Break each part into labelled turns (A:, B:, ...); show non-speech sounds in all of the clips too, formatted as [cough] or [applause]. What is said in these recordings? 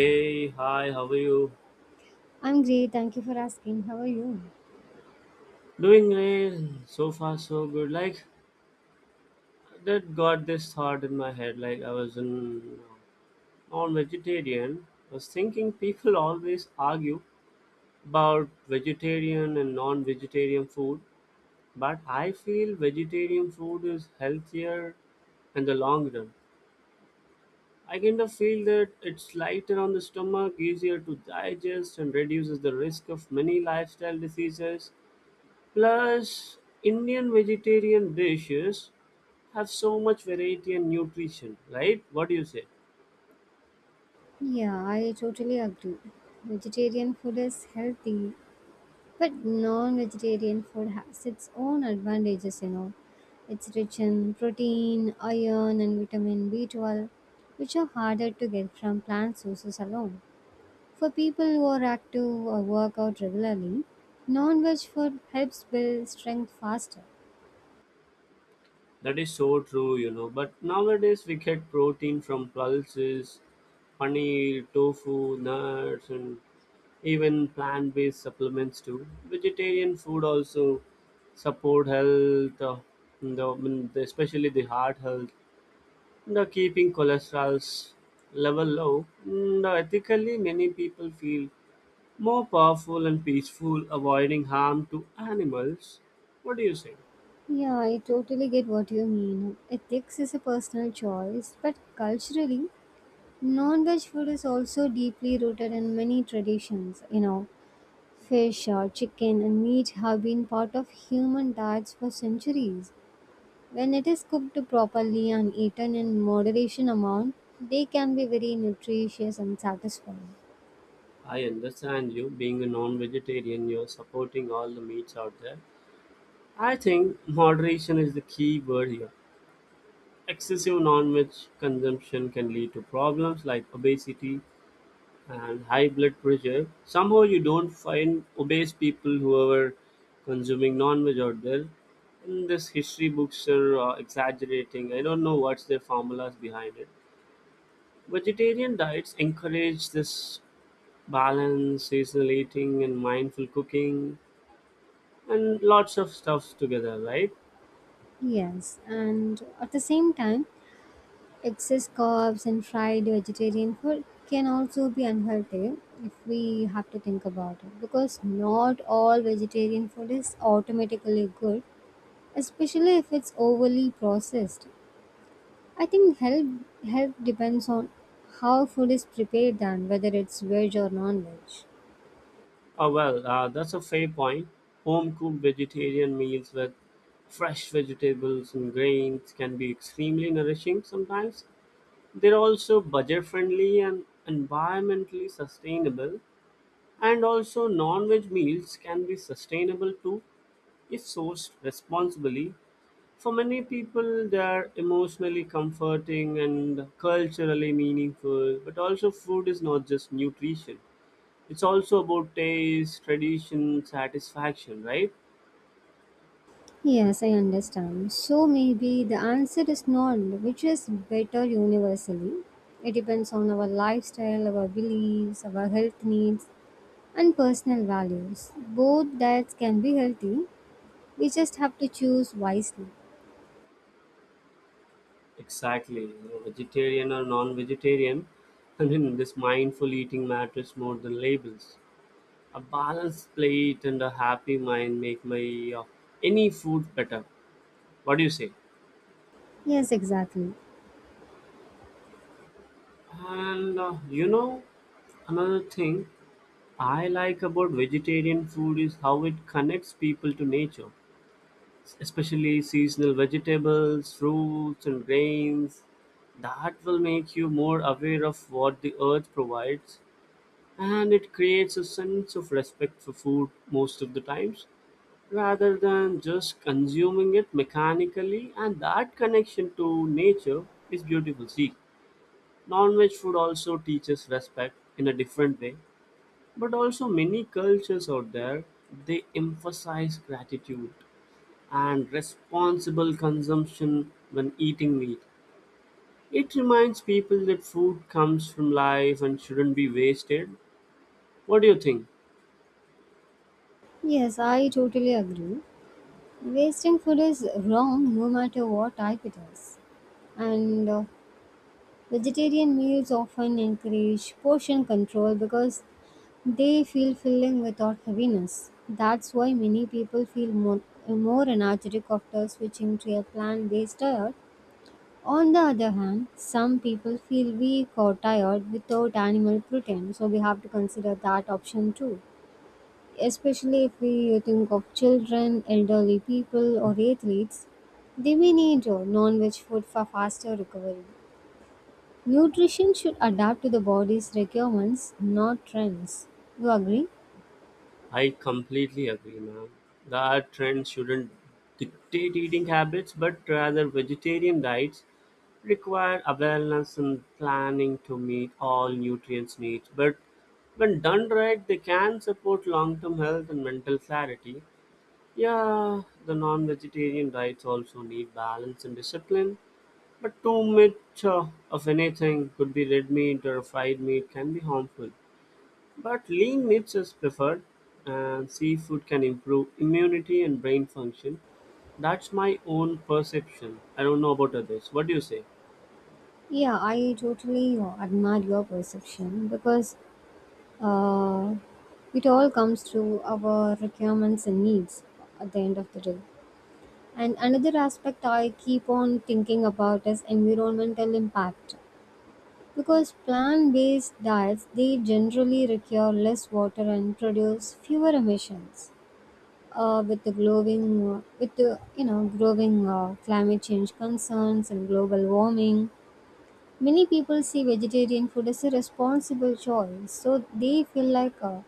A: Hey, hi, how are you?
B: I'm great, thank you for asking. How are you?
A: Doing great. So far, so good. Like, that got this thought in my head. Like, I was in non-vegetarian. I was thinking people always argue about vegetarian and non-vegetarian food, but I feel vegetarian food is healthier in the long run. I kind of feel that it's lighter on the stomach, easier to digest, and reduces the risk of many lifestyle diseases. Plus, Indian vegetarian dishes have so much variety and nutrition, right? What do you say?
B: Yeah, I totally agree. Vegetarian food is healthy, but non vegetarian food has its own advantages, you know. It's rich in protein, iron, and vitamin B12, which are harder to get from plant sources alone. For people who are active or work out regularly, non veg food helps build strength faster.
A: That is so true, you know. But nowadays we get protein from pulses, paneer, tofu, nuts, and even plant-based supplements too. Vegetarian food also support health, the, I mean, the- especially the heart health, the keeping cholesterol's level low. Mm, ethically, many people feel more powerful and peaceful, avoiding harm to animals. What do you say?
B: Yeah, I totally get what you mean. Ethics is a personal choice, but culturally, non-veg food is also deeply rooted in many traditions. You know, fish or chicken and meat have been part of human diets for centuries. When it is cooked properly and eaten in moderation amount, they can be very nutritious and satisfying.
A: I understand you being a non vegetarian, you're supporting all the meats out there. I think moderation is the key word here. Excessive non veg consumption can lead to problems like obesity and high blood pressure. Somehow, you don't find obese people who are consuming non veg out there. In this history books are exaggerating. I don't know what's their formulas behind it. Vegetarian diets encourage this balance, seasonal eating, and mindful cooking, and lots of stuff together, right?
B: Yes, and at the same time, excess carbs and fried vegetarian food can also be unhealthy if we have to think about it, because not all vegetarian food is automatically good, especially if it's overly processed. I think health depends on how food is prepared and whether it's veg or non-veg.
A: Oh, well, that's a fair point. Home cooked vegetarian meals with fresh vegetables and grains can be extremely nourishing sometimes. They're also budget friendly and environmentally sustainable, and also non veg meals can be sustainable too if sourced responsibly. For many people, they are emotionally comforting and culturally meaningful. But also, food is not just nutrition, it's also about taste, tradition, satisfaction, right?
B: Yes, I understand. So maybe the answer is none, which is better universally. It depends on our lifestyle, our beliefs, our health needs, and personal values. Both diets can be healthy. We just have to choose wisely.
A: Exactly. You know, vegetarian or non vegetarian, I mean, [laughs] this mindful eating matters more than labels. A balanced plate and a happy mind make my any food better. What do you say?
B: Yes, exactly.
A: And you know, another thing I like about vegetarian food is how it connects people to nature, especially seasonal vegetables, fruits, and grains. That will make you more aware of what the earth provides, and it creates a sense of respect for food most of the times, rather than just consuming it mechanically. And that connection to nature is beautiful. See. Non-veg food also teaches respect in a different way, but also many cultures out there they emphasize gratitude and responsible consumption when eating meat. It reminds people that food comes from life and shouldn't be wasted. What do you think?
B: Yes, I totally agree. Wasting food is wrong no matter what type it is. And Vegetarian meals often encourage portion control because they feel filling without heaviness. That's why many people feel more energetic after switching to a plant based diet. On the other hand, some people feel weak or tired without animal protein, so we have to consider that option too, especially if we think of children, elderly people, or athletes, they may need non veg food for faster recovery. Nutrition should adapt to the body's requirements, not trends. You agree?
A: I completely agree, man. That trend shouldn't dictate eating habits, but rather vegetarian diets require awareness and planning to meet all nutrients needs, but when done right they can support long-term health and mental clarity. Yeah, the non-vegetarian diets also need balance and discipline, but too much of anything could be red meat or fried meat can be harmful, but lean meats is preferred and seafood can improve immunity and brain function. That's my own perception. I don't know about others. What do you say?
B: Yeah, I totally admire your perception because uh, it all comes to our requirements and needs at the end of the day. And another aspect I keep on thinking about is environmental impact. Because plant-based diets, they generally require less water and produce fewer emissions. With the with the you know growing climate change concerns and global warming, many people see vegetarian food as a responsible choice. So they feel like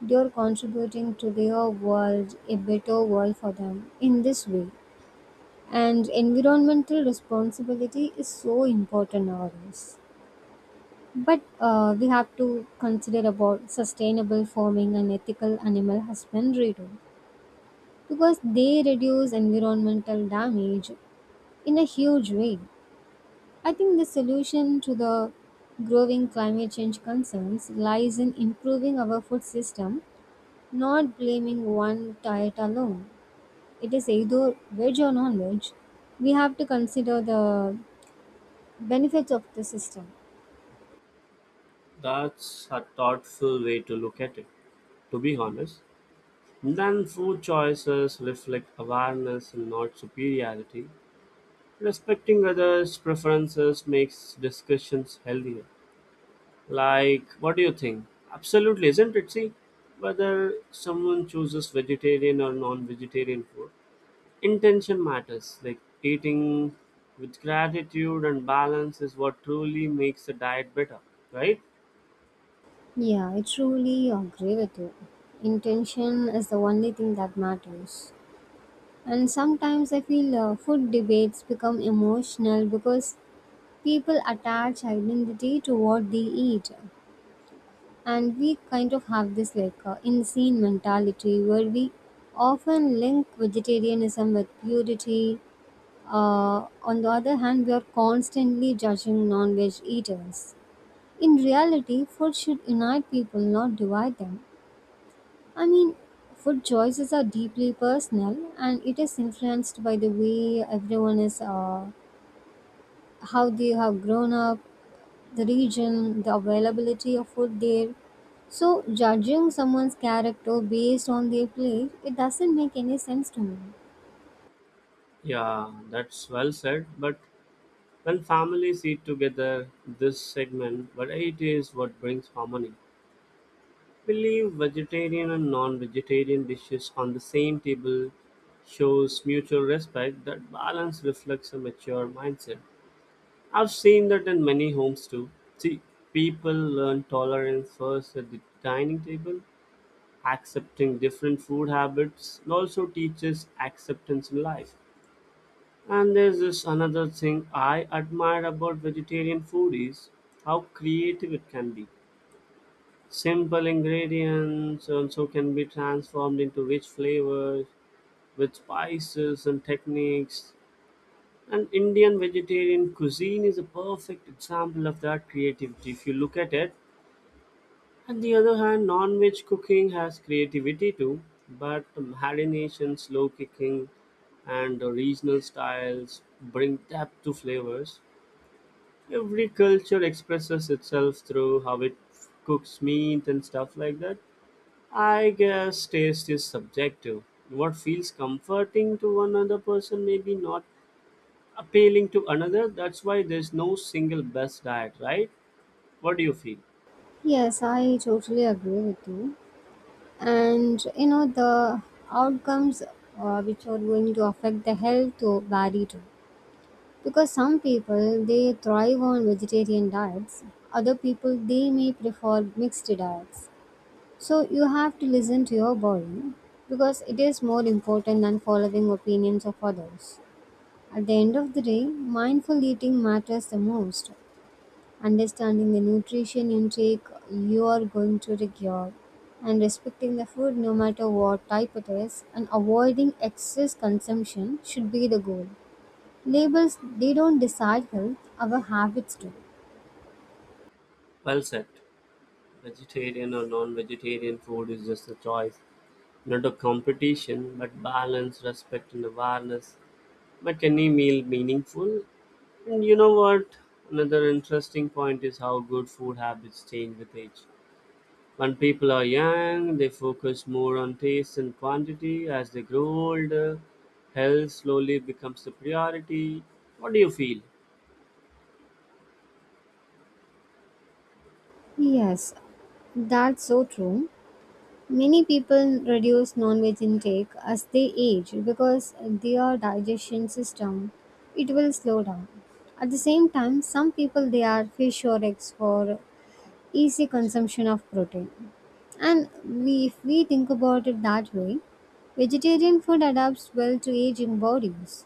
B: they are contributing to their world, a better world for them in this way. And environmental responsibility is so important nowadays. But we have to consider about sustainable farming and ethical animal husbandry too, because they reduce environmental damage in a huge way. I think the solution to the growing climate change concerns lies in improving our food system, not blaming one diet alone. It is either veg or non veg. We have to consider the benefits of the system.
A: That's a thoughtful way to look at it, to be honest. Then food choices reflect awareness and not superiority. Respecting others' preferences makes discussions healthier. Like, what do you think? Absolutely, isn't it? See, whether someone chooses vegetarian or non vegetarian food, intention matters. Like, eating with gratitude and balance is what truly makes the diet better, right?
B: Yeah, I truly agree with you. Intention is the only thing that matters. And sometimes I feel food debates become emotional because people attach identity to what they eat. And we kind of have this like insane mentality where we often link vegetarianism with purity. On the other hand, we are constantly judging non veg eaters. In reality, food should unite people, not divide them. I mean, food choices are deeply personal, and it is influenced by the way everyone is, how they have grown up, the region, the availability of food there. So, judging someone's character based on their plate, it doesn't make any sense to me.
A: Yeah, that's well said. But when families eat together, this segment, but it is what brings harmony. We leave vegetarian and non vegetarian dishes on the same table shows mutual respect. That balance reflects a mature mindset. I've seen that in many homes too. See, people learn tolerance first at the dining table. Accepting different food habits also teaches acceptance in life. And there's this another thing I admire about vegetarian food is how creative it can be. Simple ingredients also can be transformed into rich flavors with spices and techniques. And Indian vegetarian cuisine is a perfect example of that creativity if you look at it. On the other hand, non veg cooking has creativity too, but marination, slow cooking, and regional styles bring depth to flavors. Every culture expresses itself through how it cooks meat and stuff like that. I guess taste is subjective. What feels comforting to one other person may be not appealing to another. That's why there's no single best diet, right? What do you feel?
B: Yes, I totally agree with you. And you know, the outcomes which are going to affect the health to vary too. Because some people, they thrive on vegetarian diets, other people they may prefer mixed diets. So you have to listen to your body, because it is more important than following opinions of others. At the end of the day, mindful eating matters the most. Understanding the nutrition intake you are going to require, and respecting the food no matter what type it is, and avoiding excess consumption should be the goal. Labels, they don't decide health, our habits do.
A: Well said. Vegetarian or non vegetarian food is just a choice, not a competition, but balance, respect, and awareness. But any meal meaningful, and you know what, another interesting point is how good food habits change with age. When people are young they focus more on taste and quantity. As they grow older, health slowly becomes the priority. What do you feel?
B: Yes, that's so true. Many people reduce non-veg intake as they age because their digestion system, it will slow down. At the same time, some people they are fish or eggs for easy consumption of protein. And we, if we think about it that way, vegetarian food adapts well to aging bodies.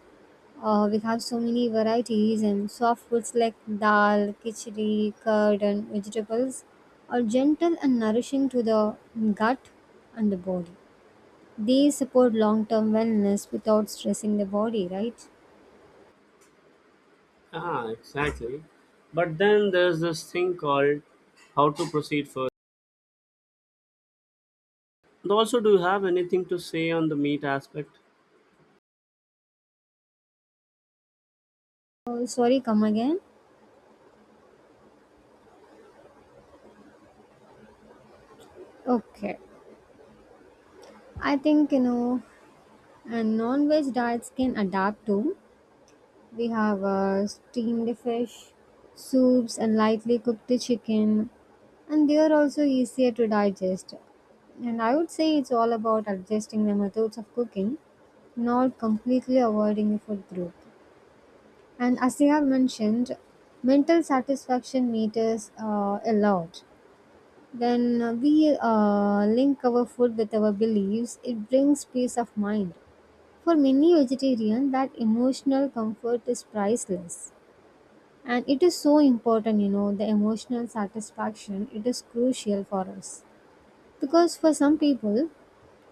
B: We have so many varieties, and soft foods like dal, khichdi, curd, and vegetables are gentle and nourishing to the gut and the body. They support long term wellness without stressing the body, right?
A: Ah, exactly. But then there's this thing called how to proceed further, and also, do you have anything to say on the meat aspect?
B: Oh, sorry, come again? Okay. I think, you know, and non veg diets can adapt to. We have steamed fish, soups, and lightly cooked chicken, and they are also easier to digest. And I would say it's all about adjusting the methods of cooking, not completely avoiding a food group. And as you have mentioned, mental satisfaction meters a lot. When we link our food with our beliefs, it brings peace of mind. For many vegetarians, that emotional comfort is priceless. And it is so important, you know, the emotional satisfaction, it is crucial for us. Because for some people,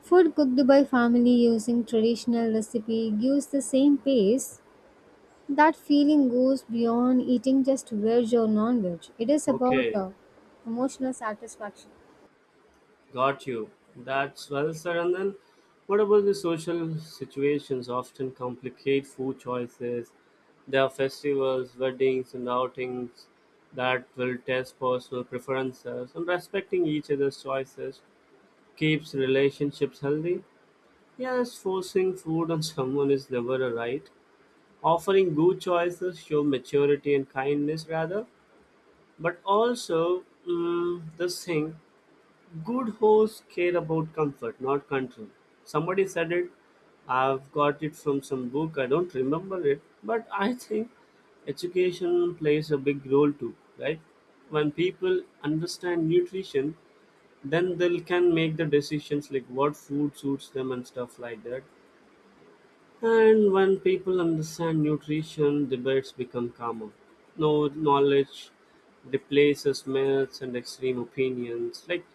B: food cooked by family using traditional recipe gives the same pace. That feeling goes beyond eating just veg or non-veg. It is about
A: Okay.
B: emotional satisfaction.
A: Got you. That's well said. And then, what about the social situations often complicate food choices? There are festivals, weddings, and outings that will test personal preferences, and respecting each other's choices keeps relationships healthy. Yes, forcing food on someone is never a right. Offering good choices show maturity and kindness rather, but also mm, this thing. Good hosts care about comfort, not control. Somebody said it. I've got it from some book. I don't remember it, but I think education plays a big role too, right? When people understand nutrition, then they can make the decisions like what food suits them and stuff like that. And when people understand nutrition, debates become calmer. No knowledge replaces myths and extreme opinions. Like,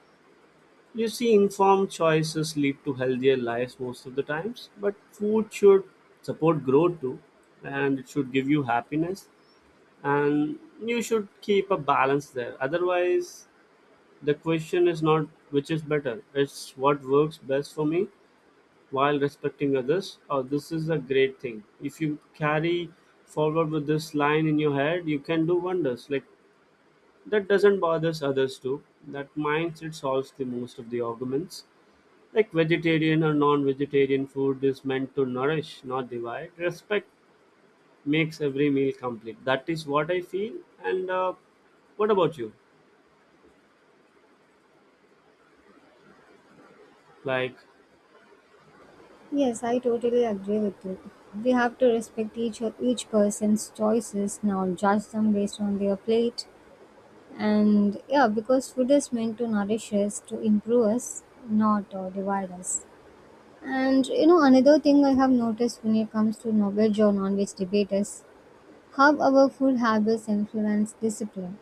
A: you see, informed choices lead to healthier lives most of the times, but food should support growth too, and it should give you happiness, and you should keep a balance there. Otherwise, the question is not which is better, it's what works best for me while respecting others. Or this is a great thing. If you carry forward with this line in your head, you can do wonders. Like that doesn't bother others too. That mindset solves the most of the arguments like vegetarian or non-vegetarian food is meant to nourish, not divide. Respect makes every meal complete. That is what I feel. And what about you? Like
B: Yes, I totally agree with you. We have to respect each person's choices, not judge them based on their plate. And yeah, because food is meant to nourish us, to improve us, not divide us. And you know, another thing I have noticed when it comes to non-veg or non veg debate is how our food habits influence discipline.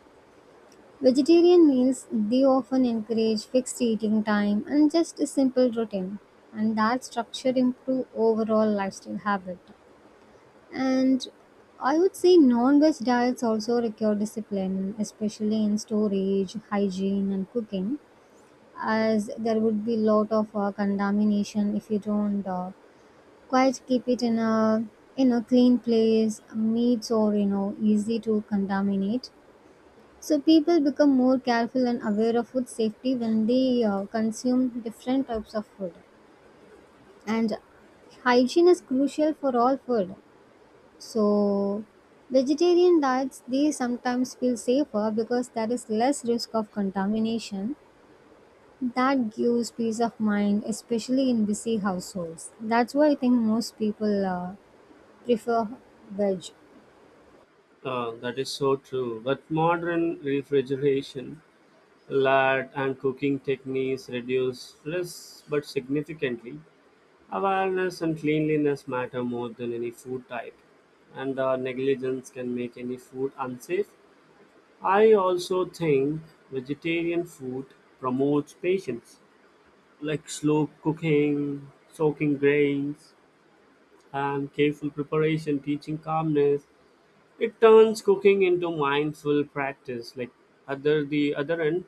B: Vegetarian meals, they often encourage fixed eating time and just a simple routine, and that structure improve overall lifestyle habit. And I would say non veg diets also require discipline, especially in storage, hygiene, and cooking, as there would be lot of contamination if you don't quite keep it in a clean place. Meats or you know easy to contaminate. So people become more careful and aware of food safety when they consume different types of food, and hygiene is crucial for all food. So, vegetarian diets, they sometimes feel safer because there is less risk of contamination. That gives peace of mind, especially in busy households. That's why I think most people prefer veg.
A: that is so true. But modern refrigeration, lard, and cooking techniques reduce risks, but significantly, awareness and cleanliness matter more than any food type. And negligence can make any food unsafe. I also think vegetarian food promotes patience, like slow cooking, soaking grains, and careful preparation, teaching calmness. It turns cooking into mindful practice. Like other the other end,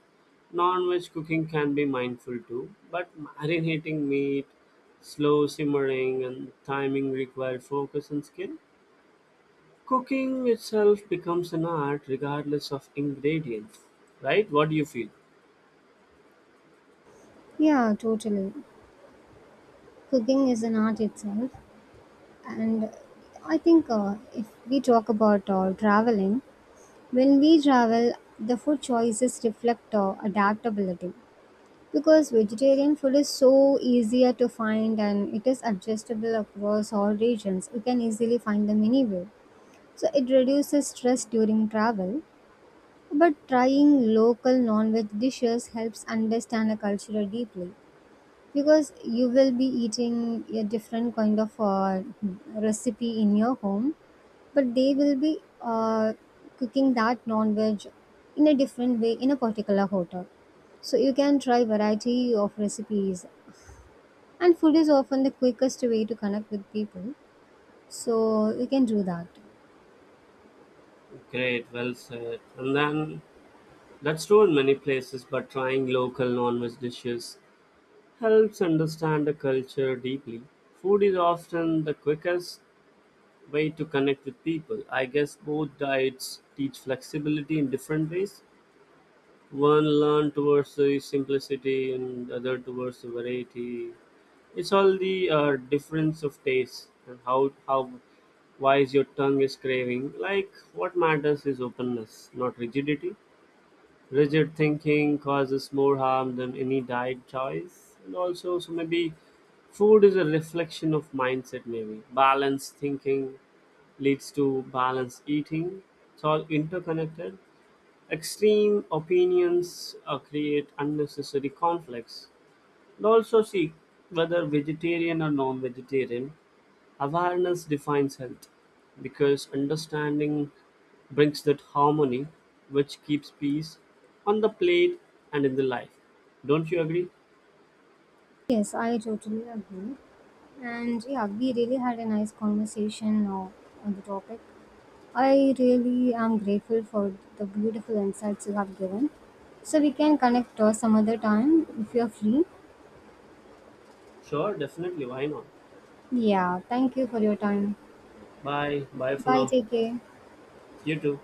A: non-veg cooking can be mindful too, but marinating meat, slow simmering, and timing require focus and skill. Cooking itself becomes an art regardless of ingredients, right? What do you feel?
B: Yeah, totally. Cooking is an art itself, and I think if we talk about traveling, when we travel, the food choices reflect adaptability. Because vegetarian food is so easier to find, and it is adjustable across all regions, you can easily find them anywhere. So it reduces stress during travel. But trying local non veg dishes helps understand a culture deeply, because you will be eating a different kind of recipe in your home, but they will be cooking that non veg in a different way in a particular hotel. So you can try variety of recipes, and food is often the quickest way to connect with people. So you can do that.
A: Great, well said. And then that's true in many places, but trying local non-veg dishes helps understand the culture deeply. Food is often the quickest way to connect with people. I guess both diets teach flexibility in different ways. One learn towards the simplicity, and the other towards the variety. It's all the difference of taste and how wise your tongue is craving. Like what matters is openness, not rigidity. Rigid thinking causes more harm than any diet choice. And also, so maybe food is a reflection of mindset, maybe. Balanced thinking leads to balanced eating. It's all interconnected. Extreme opinions create unnecessary conflicts. And also, see, whether vegetarian or non vegetarian, awareness defines health, because understanding brings that harmony which keeps peace on the plate and in the life. Don't you agree?
B: Yes, I totally agree. And yeah, we really had a nice conversation on the topic. I really am grateful for the beautiful insights you have given. So we can connect some other time if you're free.
A: Sure, definitely. Why not?
B: Yeah, thank you for your time.
A: Bye. Bye for
B: Bye,
A: now.
B: take care.
A: You too.